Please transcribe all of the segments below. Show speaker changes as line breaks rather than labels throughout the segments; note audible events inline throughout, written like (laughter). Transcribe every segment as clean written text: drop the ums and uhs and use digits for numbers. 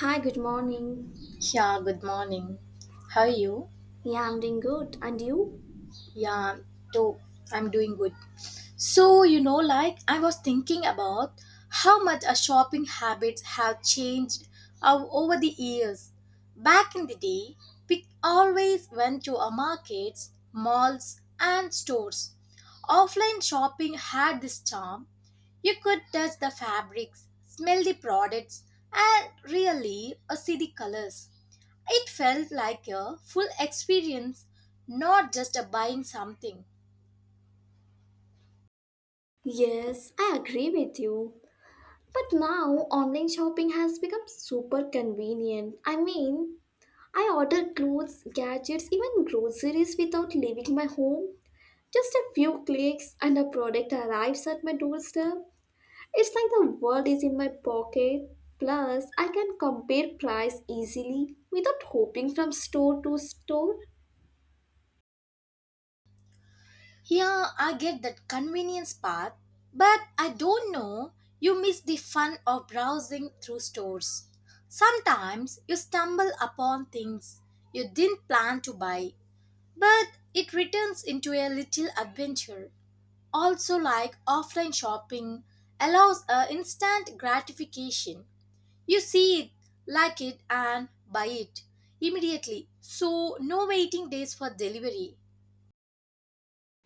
Hi, good morning.
Yeah, good morning. How are you?
Yeah, I'm doing good. And you?
Yeah, too. I'm doing good. So, you know, like I was thinking about how much our shopping habits have changed over the years. Back in the day, we always went to our markets, malls, and stores. Offline shopping had this charm, you could touch the fabrics, smell the products, and really see the colors. It felt like a full experience, not just a buying something.
Yes, I agree with you. But now online shopping has become super convenient. I mean, I order clothes, gadgets, even groceries without leaving my home. Just a few clicks and a product arrives at my doorstep. It's like the world is in my pocket. Plus, I can compare price easily without hopping from store to store.
Here I get that convenience part, but I don't know, you miss the fun of browsing through stores. Sometimes you stumble upon things you didn't plan to buy, but it returns into a little adventure. Also, like offline shopping, allows a instant gratification. You see it, like it, and buy it immediately. So, no waiting days for delivery.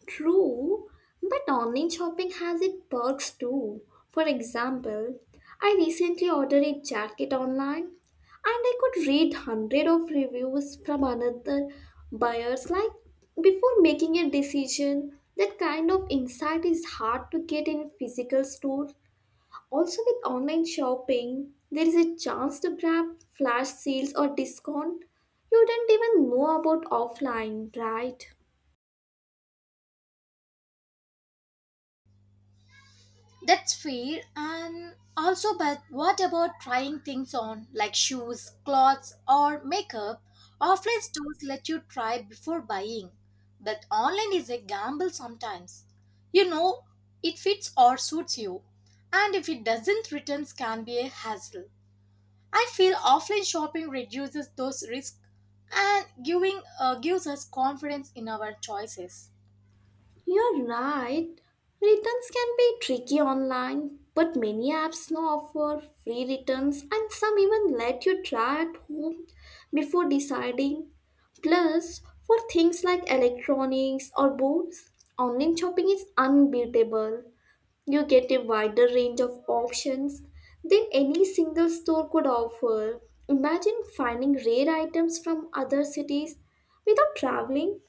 True, but online shopping has its perks too. For example, I recently ordered a jacket online and I could read 100 of reviews from another buyers like before making a decision. That kind of insight is hard to get in physical store. Also with online shopping, there is a chance to grab flash sales or discount you didn't even know about offline, right?
That's fair. And also, but what about trying things on like shoes, clothes, or makeup? Offline stores let you try before buying, but online is a gamble sometimes. You know, it fits or suits you, and if it doesn't, returns can be a hassle. I feel offline shopping reduces those risks and giving gives us confidence in our choices.
You're right. Returns can be tricky online, but many apps now offer free returns and some even let you try at home before deciding. Plus, for things like electronics or books, online shopping is unbeatable. You get a wider range of options than any single store could offer. Imagine finding rare items from other cities without traveling.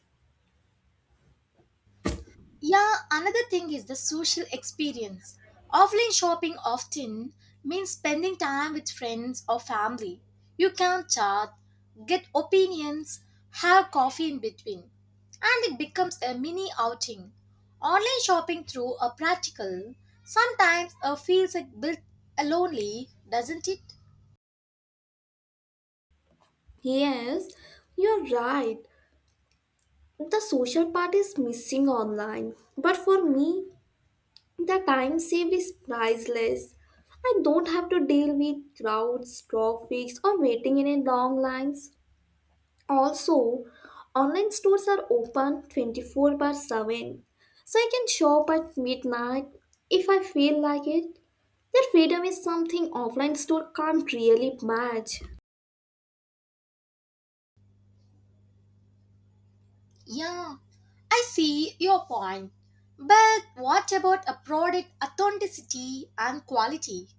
Yeah, another thing is the social experience. Offline shopping often means spending time with friends or family. You can chat, get opinions, have coffee in between, and it becomes a mini outing. Online shopping through a practical sometimes feels like built lonely, doesn't it?
Yes, you're right. The social part is missing online, but for me, the time saved is priceless. I don't have to deal with crowds, traffic, or waiting in a long lines. Also, online stores are open 24 by 7, so I can shop at midnight if I feel like it. That freedom is something offline store can't really match.
Yeah, I see your point. But what about a product authenticity and quality?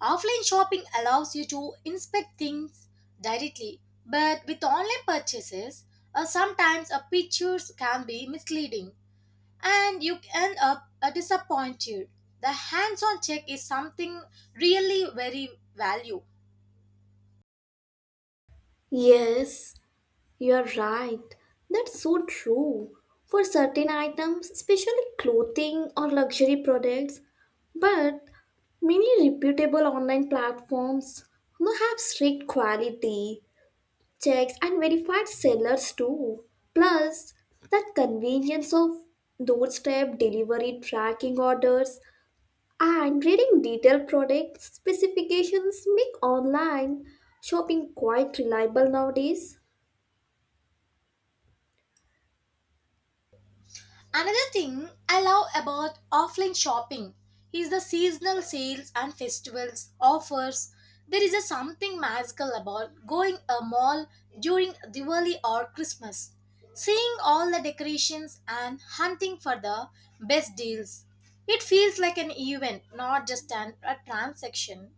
Offline shopping allows you to inspect things directly, but with online purchases, sometimes a pictures can be misleading and you end up disappointed. The hands-on check is something really very value.
Yes, you're right. That's so true. For certain items, especially clothing or luxury products, but many reputable online platforms now have strict quality checks and verified sellers too. Plus, that convenience of doorstep delivery tracking orders and reading detailed product specifications make online shopping quite reliable nowadays.
Another thing I love about offline shopping is the seasonal sales and festivals offers. There is a something magical about going a mall during Diwali or Christmas, seeing all the decorations and hunting for the best deals. It feels like an event, not just an, a transaction.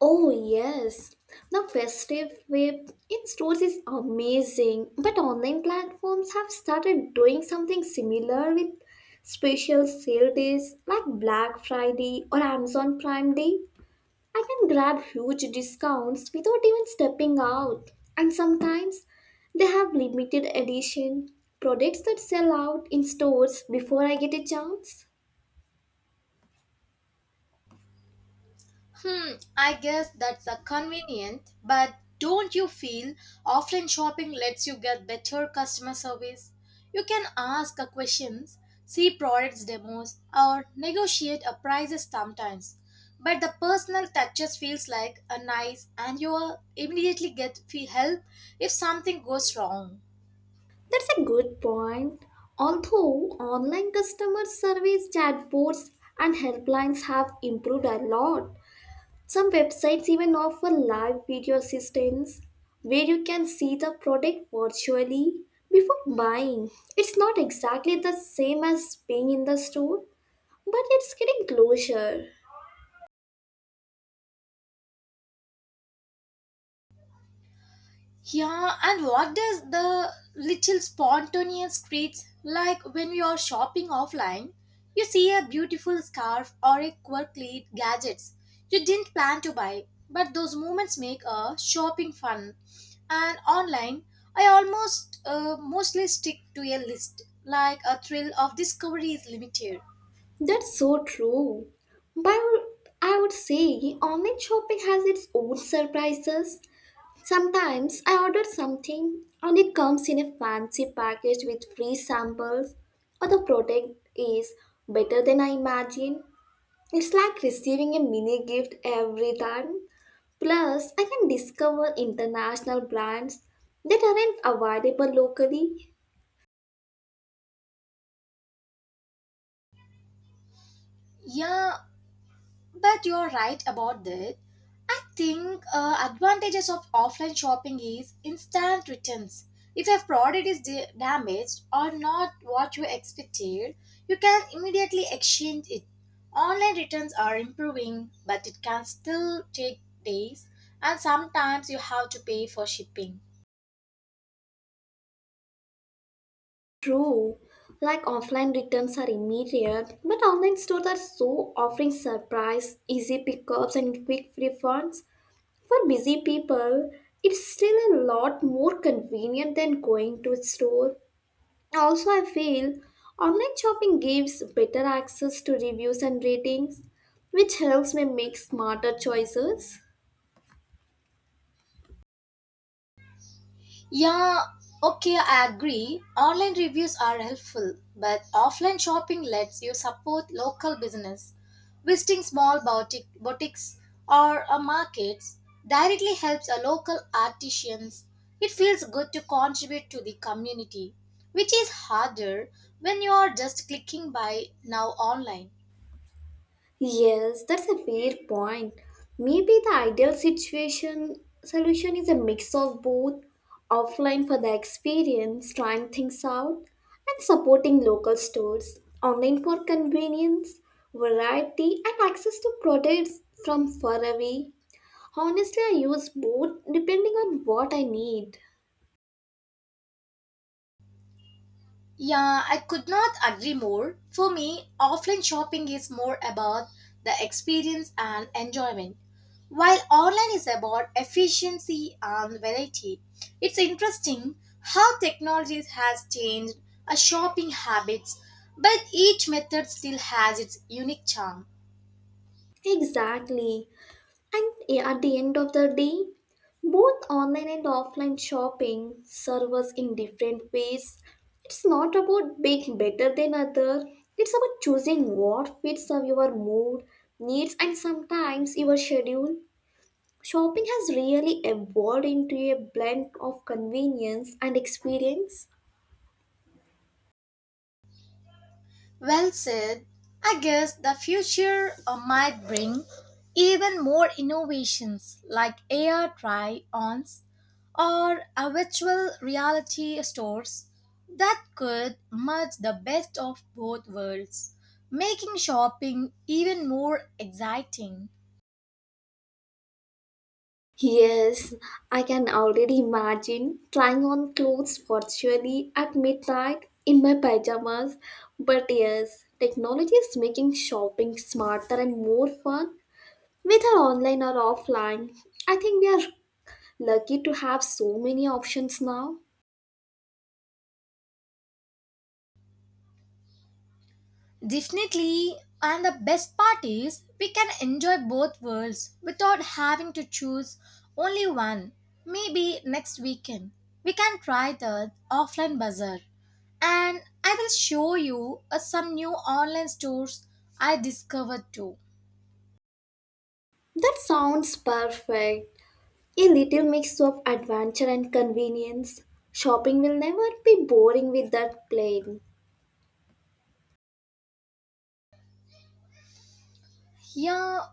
Oh yes, the festive web in stores is amazing, but online platforms have started doing something similar with special sale days like Black Friday or Amazon Prime Day. I can grab huge discounts without even stepping out, and sometimes they have limited edition products that sell out in stores before I get a chance.
Hmm, I guess that's a convenient, but don't you feel offline shopping lets you get better customer service? You can ask a questions, see products demos, or negotiate a prices sometimes. But the personal touches feels like a nice and you will immediately get fee help if something goes wrong.
That's a good point. Although online customer service chatbots and helplines have improved a lot, some websites even offer live video assistance where you can see the product virtually before buying. It's not exactly the same as being in the store, but it's getting closer.
Yeah, and what does the little spontaneous treats like when you are shopping offline? You see a beautiful scarf or a quirky gadgets you didn't plan to buy, but those moments make a shopping fun. And online, I almost mostly stick to a list, like a thrill of discovery is limited.
That's so true. But I would say online shopping has its own surprises. Sometimes I order something and it comes in a fancy package with free samples, or the product is better than I imagined. It's like receiving a mini gift every time. Plus, I can discover international brands that aren't available locally.
Yeah, but you're right about that. I think advantages of offline shopping is instant returns. If a product is damaged or not what you expected, you can immediately exchange it. Online returns are improving, but it can still take days and sometimes you have to pay for shipping.
True, like offline returns are immediate, but online stores are so offering surprise, easy pickups, and quick refunds. For busy people, it's still a lot more convenient than going to a store. Also, I feel online shopping gives better access to reviews and ratings, which helps me make smarter choices.
Yeah, okay, I agree. Online reviews are helpful, but offline shopping lets you support local business. Visiting small boutiques or markets directly helps a local artisans. It feels good to contribute to the community, which is harder when you are just clicking by now online.
Yes, that's a fair point. Maybe the ideal situation solution is a mix of both offline for the experience, trying things out, and supporting local stores, online for convenience, variety, and access to products from far away. Honestly, I use both depending on what I need.
Yeah, I could not agree more. For me, offline shopping is more about the experience and enjoyment, while online is about efficiency and variety. It's interesting how technology has changed our shopping habits, but each method still has its unique charm.
Exactly. And yeah, at the end of the day, both online and offline shopping serve us in different ways. It's not about being better than other. It's about choosing what fits of your mood, needs, and sometimes your schedule. Shopping has really evolved into a blend of convenience and experience.
Well said. I guess the future might bring even more innovations like AR try ons or a virtual reality stores that could merge the best of both worlds, making shopping even more exciting.
Yes, I can already imagine trying on clothes virtually at midnight in my pajamas. But yes, technology is making shopping smarter and more fun, whether online or offline. I think we are lucky to have so many options now.
Definitely, and the best part is we can enjoy both worlds without having to choose only one. Maybe next weekend we can try the offline bazaar and I will show you some new online stores I discovered too.
That sounds perfect. A little mix of adventure and convenience. Shopping will never be boring with that plane.
Yeah,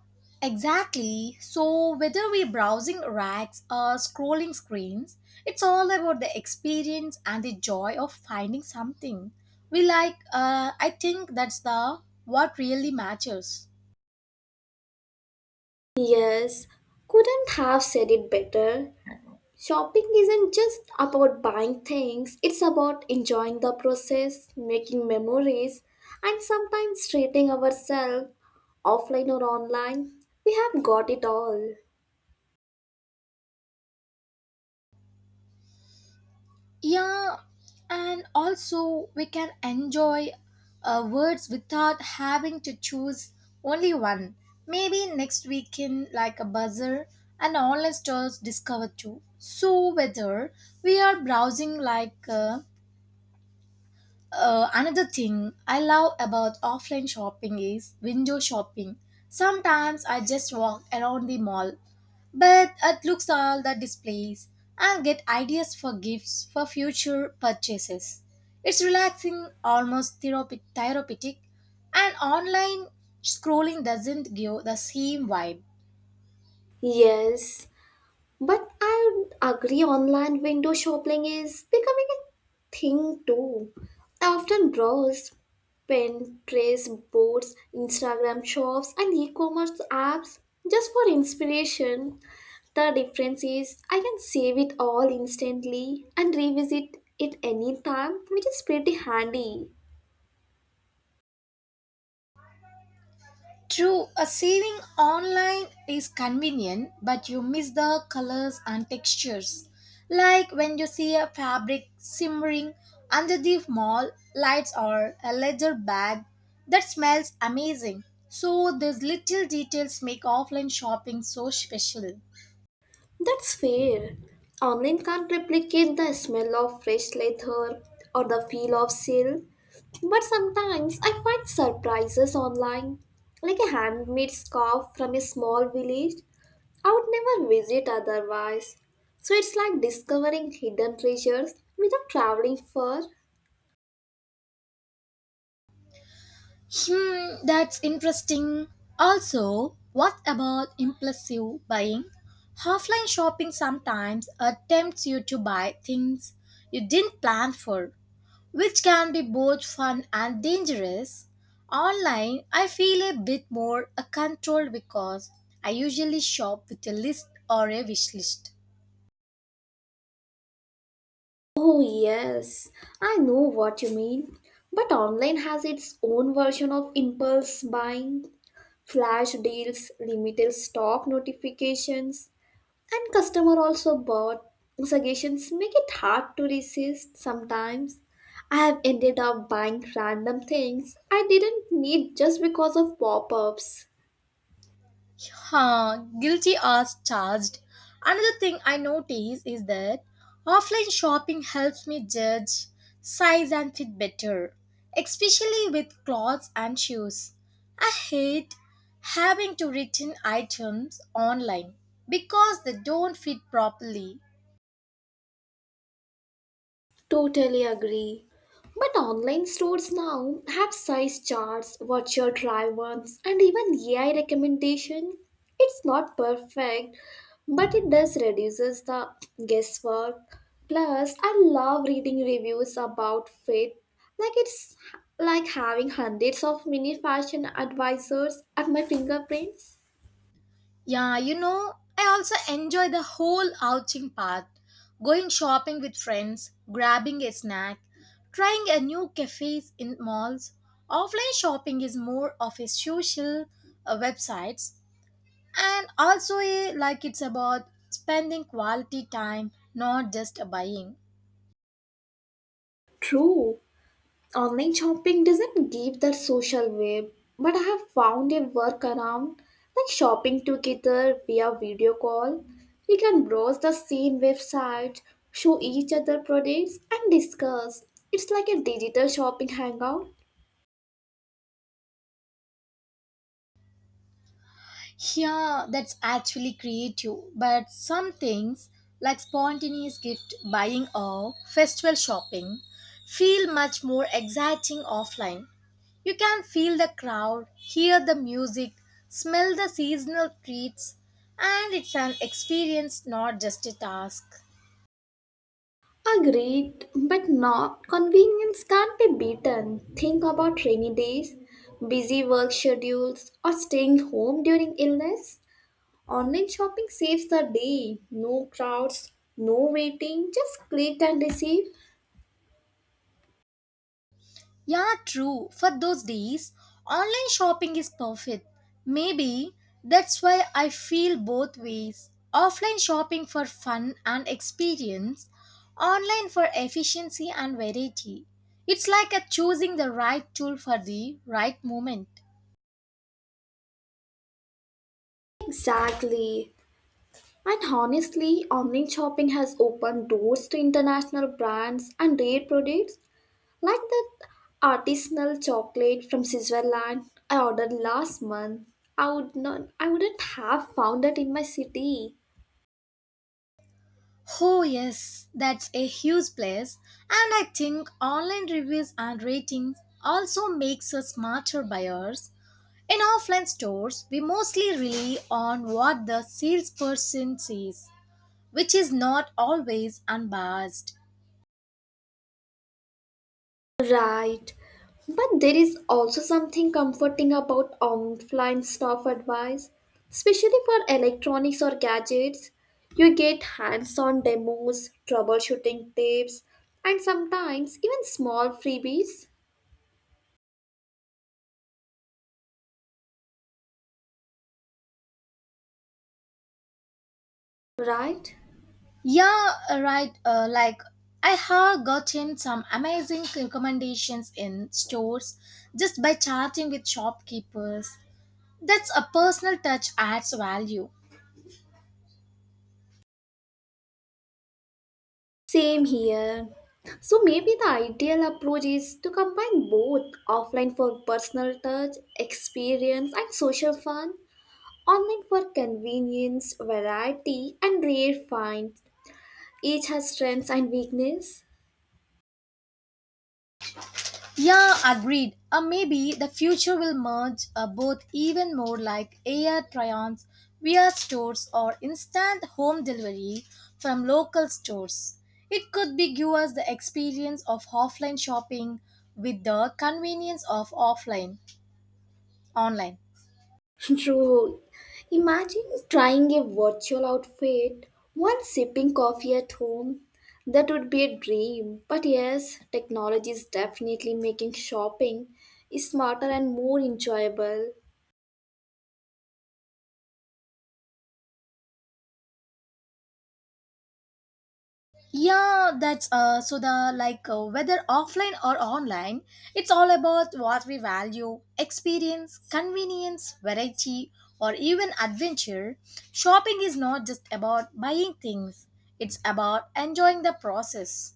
exactly. So, whether we're browsing racks or scrolling screens, it's all about the experience and the joy of finding something we like. I think that's the what really matters.
Yes, couldn't have said it better. Shopping isn't just about buying things, it's about enjoying the process, making memories, and sometimes treating ourselves offline or online. We have got it all.
Yeah, and also we can enjoy words without having to choose only one. Maybe next weekend, like a buzzer, and online stores discover too. So whether we are browsing another thing I love about offline shopping is window shopping. Sometimes I just walk around the mall but it looks all the displays and get ideas for gifts for future purchases. It's relaxing, almost therapeutic and online scrolling doesn't give the same vibe.
Yes, but I would agree online window shopping is becoming a thing too. I often browse Pinterest boards, Instagram shops, and e commerce apps just for inspiration. The difference is I can save it all instantly and revisit it anytime, which is pretty handy.
True, a saving online is convenient, but you miss the colors and textures. Like when you see a fabric simmering under the mall lights or a leather bag that smells amazing. So these little details make offline shopping so special.
That's fair. Online can't replicate the smell of fresh leather or the feel of silk, but sometimes I find surprises online, like a handmade scarf from a small village I would never visit otherwise. So it's like discovering hidden treasures without traveling far.
Hmm, that's interesting. Also, what about impulsive buying? Offline shopping sometimes attempts you to buy things you didn't plan for, which can be both fun and dangerous. Online, I feel a bit more controlled because I usually shop with a list or a wish list.
Oh, yes, I know what you mean. But online has its own version of impulse buying, flash deals, limited stock notifications, and customer also bought suggestions make it hard to resist sometimes. I have ended up buying random things I didn't need just because of pop ups.
Huh, guilty as charged. Another thing I notice is that offline shopping helps me judge size and fit better, especially with clothes and shoes. I hate having to return items online because they don't fit properly.
Totally agree. But online stores now have size charts, virtual try ons, and even AI recommendation. It's not perfect, but it does reduces the guesswork. Plus, I love reading reviews about fit. It's like having hundreds of mini fashion advisors at my fingerprints.
Yeah, you know, I also enjoy the whole outing part. Going shopping with friends, grabbing a snack, trying a new cafes in malls. Offline shopping is more of a social websites and also a, like it's about spending quality time, not just buying.
True. Online shopping doesn't give that social wave, but I have found a workaround like shopping together via video call. We can browse the same website, show each other products, and discuss. It's like a digital shopping hangout.
Yeah, that's actually creative. But some things, like spontaneous gift buying or festival shopping, feel much more exciting offline. You can feel the crowd, hear the music, smell the seasonal treats, and it's an experience, not just a task.
Agreed, but not convenience can't be beaten. Think about rainy days, busy work schedules, or staying home during illness. Online shopping saves the day. No crowds, no waiting, just click and receive.
Yeah, true. For those days, online shopping is perfect. Maybe that's why I feel both ways. Offline shopping for fun and experience, online for efficiency and variety. It's like a choosing the right tool for the right moment.
Exactly. And honestly, online shopping has opened doors to international brands and rare products like that artisanal chocolate from Switzerland I ordered last month. I wouldn't have found it in my city.
Oh, yes, that's a huge plus. And I think online reviews and ratings also makes us smarter buyers. In offline stores, we mostly rely on what the salesperson says, which is not always unbiased.
Right. But there is also something comforting about offline staff advice, especially for electronics or gadgets. You get hands on demos, troubleshooting tips, and sometimes even small freebies, right?
Yeah, right. Like, I have gotten some amazing recommendations in stores just by chatting with shopkeepers. That's a personal touch adds value.
Same here. So maybe the ideal approach is to combine both offline for personal touch, experience, and social fun, online for convenience, variety, and rare find. Each has strengths and weakness.
Yeah, agreed. Maybe the future will merge both even more like air try-ons, VR stores, or instant home delivery from local stores. It could be give us the experience of offline shopping with the convenience of offline online.
(laughs) True. Imagine trying a virtual outfit, one sipping coffee at home. That would be a dream. But yes, technology is definitely making shopping smarter and more enjoyable.
Yeah, that's so the like whether offline or online, it's all about what we value experience, convenience, variety, or even adventure. Shopping is not just about buying things, it's about enjoying the process.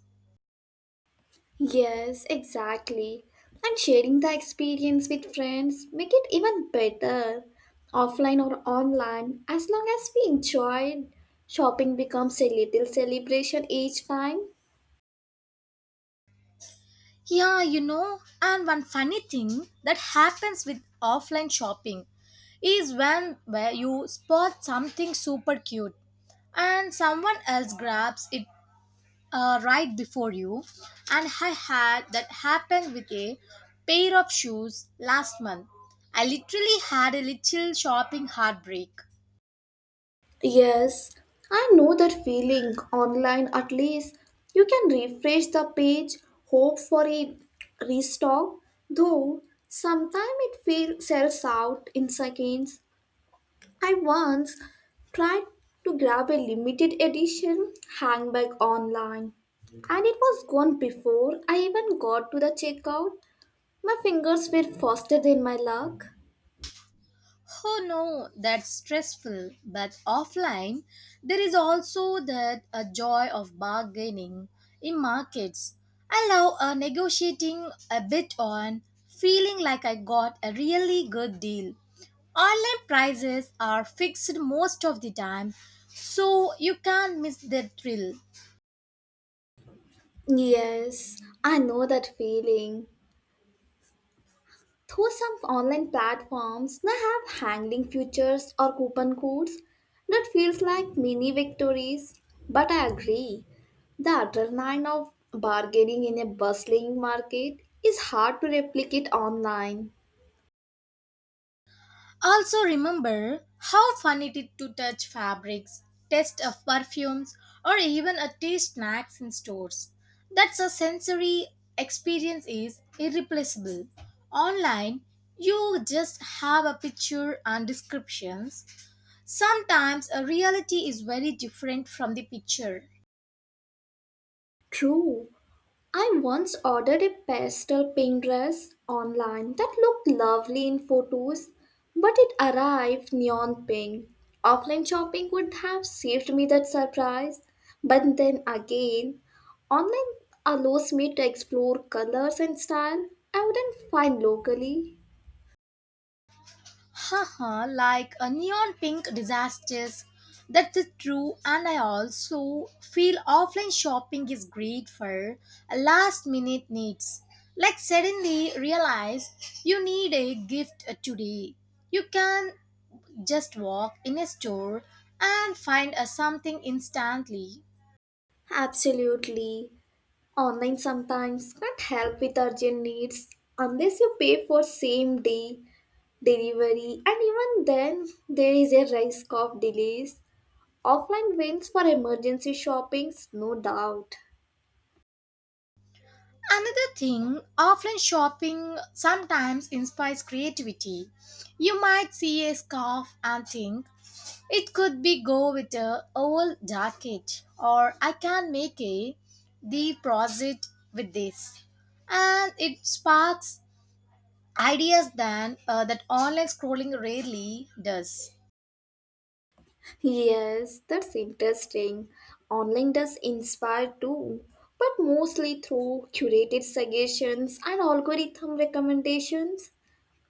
Yes, exactly. And sharing the experience with friends make it even better. Offline or online, as long as we enjoy it, shopping becomes a little celebration each time.
Yeah, you know, and one funny thing that happens with offline shopping is when where you spot something super cute and someone else grabs it right before you, and I had that happen with a pair of shoes last month. I literally had a little shopping heartbreak.
Yes, I know that feeling. Online, at least, you can refresh the page, hope for a restock, though sometimes it feels sells out in seconds. I once tried to grab a limited edition handbag online, and it was gone before I even got to the checkout. My fingers were faster than my luck.
Oh no, that's stressful. But offline, there is also that a joy of bargaining in markets. I love negotiating a bit on feeling like I got a really good deal. Online prices are fixed most of the time, so you can't miss the thrill.
Yes, I know that feeling. Though some online platforms now have hanging futures or coupon codes, that feels like mini victories. But I agree, the adrenaline of bargaining in a bustling market is hard to replicate online.
Also, remember how fun it is to touch fabrics, taste of perfumes, or even a taste snacks in stores. That's a sensory experience is irreplaceable. Online, you just have a picture and descriptions. Sometimes a reality is very different from the picture.
True, I once ordered a pastel pink dress online that looked lovely in photos, but it arrived neon pink. Offline shopping would have saved me that surprise, but then again, online allows me to explore colors and style I wouldn't find locally.
Haha, like a neon pink disasters. That's the true, and I also feel offline shopping is great for last minute needs. Like suddenly realize you need a gift today. You can just walk in a store and find something instantly.
Absolutely. Online sometimes can't help with urgent needs unless you pay for same day delivery, and even then, there is a risk of delays. Offline wins for emergency shoppings, no doubt.
Another thing, offline shopping sometimes inspires creativity. You might see a scarf and think, it could be go with a old jacket or I can make a deposit with this. And it sparks ideas than that online scrolling rarely does.
Yes, that's interesting. Online does inspire too, but mostly through curated suggestions and algorithm recommendations.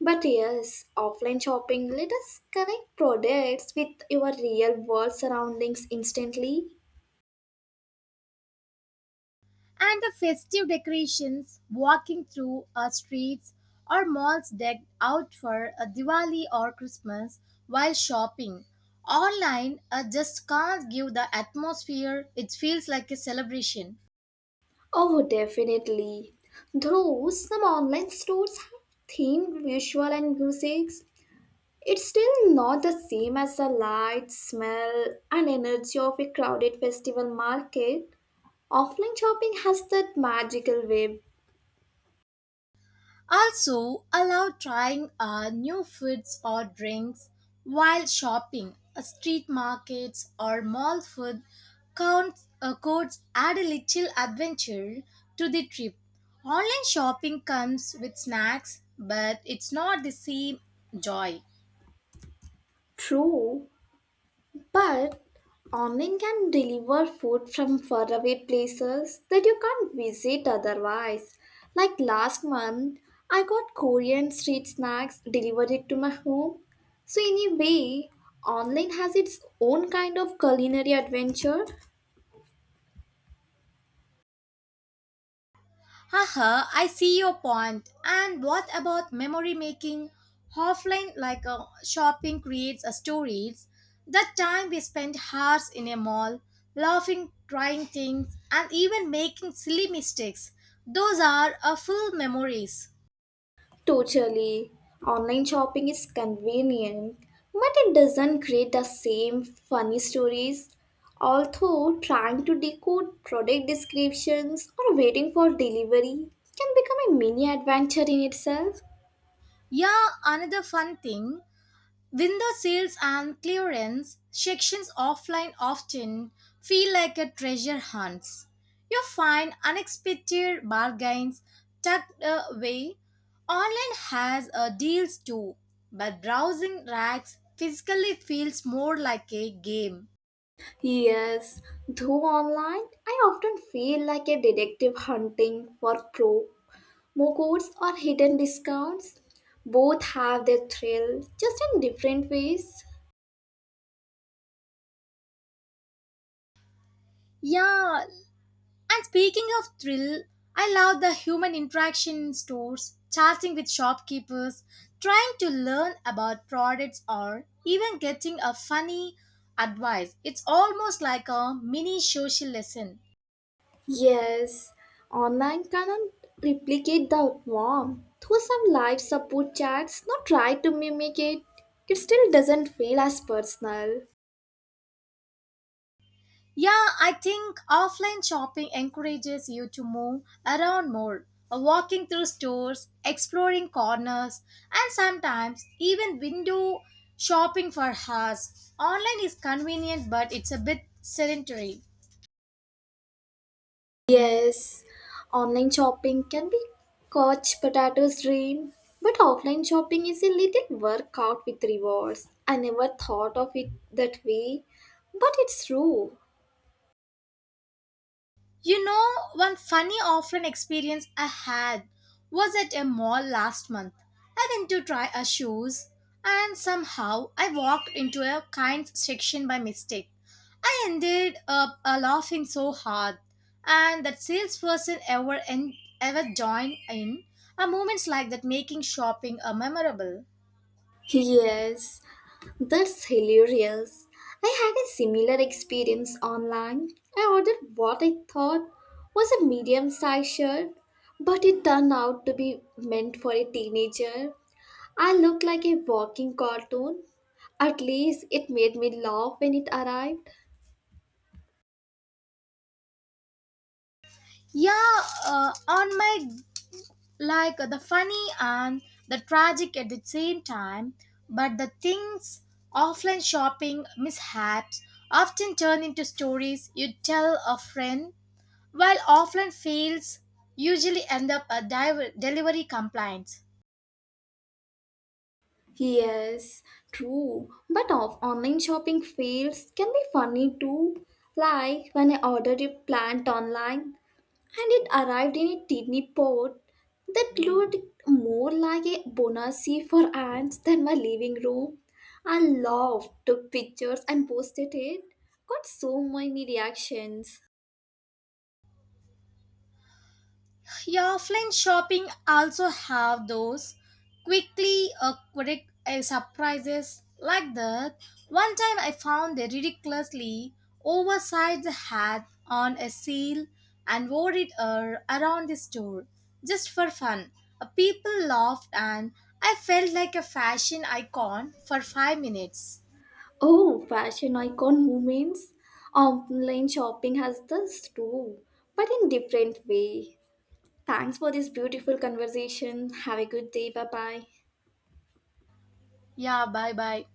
But yes, offline shopping let us connect products with your real world surroundings instantly.
And the festive decorations walking through our streets or malls decked out for a Diwali or Christmas while shopping. Online, I just can't give the atmosphere. It feels like a celebration.
Oh, definitely. Though some online stores have themed visual and musics, it's still not the same as the light, smell, and energy of a crowded festival market. Offline shopping has that magical web.
Also, allow trying new foods or drinks while shopping. Street markets or mall food counts, codes add a little adventure to the trip. Online shopping comes with snacks, but it's not the same joy.
True, but online can deliver food from faraway places that you can't visit otherwise. Like last month, I got Korean street snacks delivered it to my home. So in a way, online has its own kind of culinary adventure.
Haha, I see your point. And what about memory making? Offline, like shopping, creates a stories. That time we spent hours in a mall, laughing, trying things, and even making silly mistakes. Those are a full memories.
Totally. Online shopping is convenient, but it doesn't create the same funny stories. Although trying to decode product descriptions or waiting for delivery can become a mini adventure in itself.
Yeah, another fun thing. Window sales and clearance sections offline often feel like a treasure hunt. You find unexpected bargains tucked away. Online has deals too, but browsing racks physically feels more like a game.
Yes, though online, I often feel like a detective hunting for promo codes or hidden discounts. Both have their thrill, just in different ways.
Yeah, and speaking of thrill, I love the human interaction in stores, chatting with shopkeepers, trying to learn about products, or even getting a funny advice. It's almost like a mini social lesson.
Yes, online cannot replicate the warmth. Though some live support chats not try to mimic it, it still doesn't feel as personal.
Yeah, I think offline shopping encourages you to move around more, walking through stores, exploring corners, and sometimes even window shopping for hours. Online is convenient, but it's a bit sedentary.
Yes, online shopping can be couch potato's dream, but offline shopping is a little workout with rewards. I never thought of it that way, but it's true.
You know, one funny offline experience I had was at a mall last month. I went to try a shoes and somehow I walked into a kind section by mistake. I ended up laughing so hard and that salesperson ever joined in are moments like that making shopping memorable.
Yes, that's hilarious. I had a similar experience online. I ordered what I thought was a medium sized shirt, but it turned out to be meant for a teenager. I looked like a walking cartoon. At least it made me laugh when it arrived.
Yeah, on my like the funny and the tragic at the same time. But the things offline shopping mishaps often turn into stories you tell a friend, while offline fails usually end up a delivery complaints.
Yes, true. But of online shopping fails can be funny too. Like when I ordered a plant online and it arrived in a tiny pot that looked more like a bonacy for ants than my living room. I laughed, took pictures, and posted it. Got so many reactions.
Yeah, offline shopping also have those quick surprises like that. One time I found a ridiculously oversized hat on a sale and wore it around the store just for fun. People laughed and I felt like a fashion icon for 5 minutes.
Oh, fashion icon moments. Online shopping has this too, but in different way. Thanks for this beautiful conversation. Have a good day. Bye bye.
Yeah, bye bye.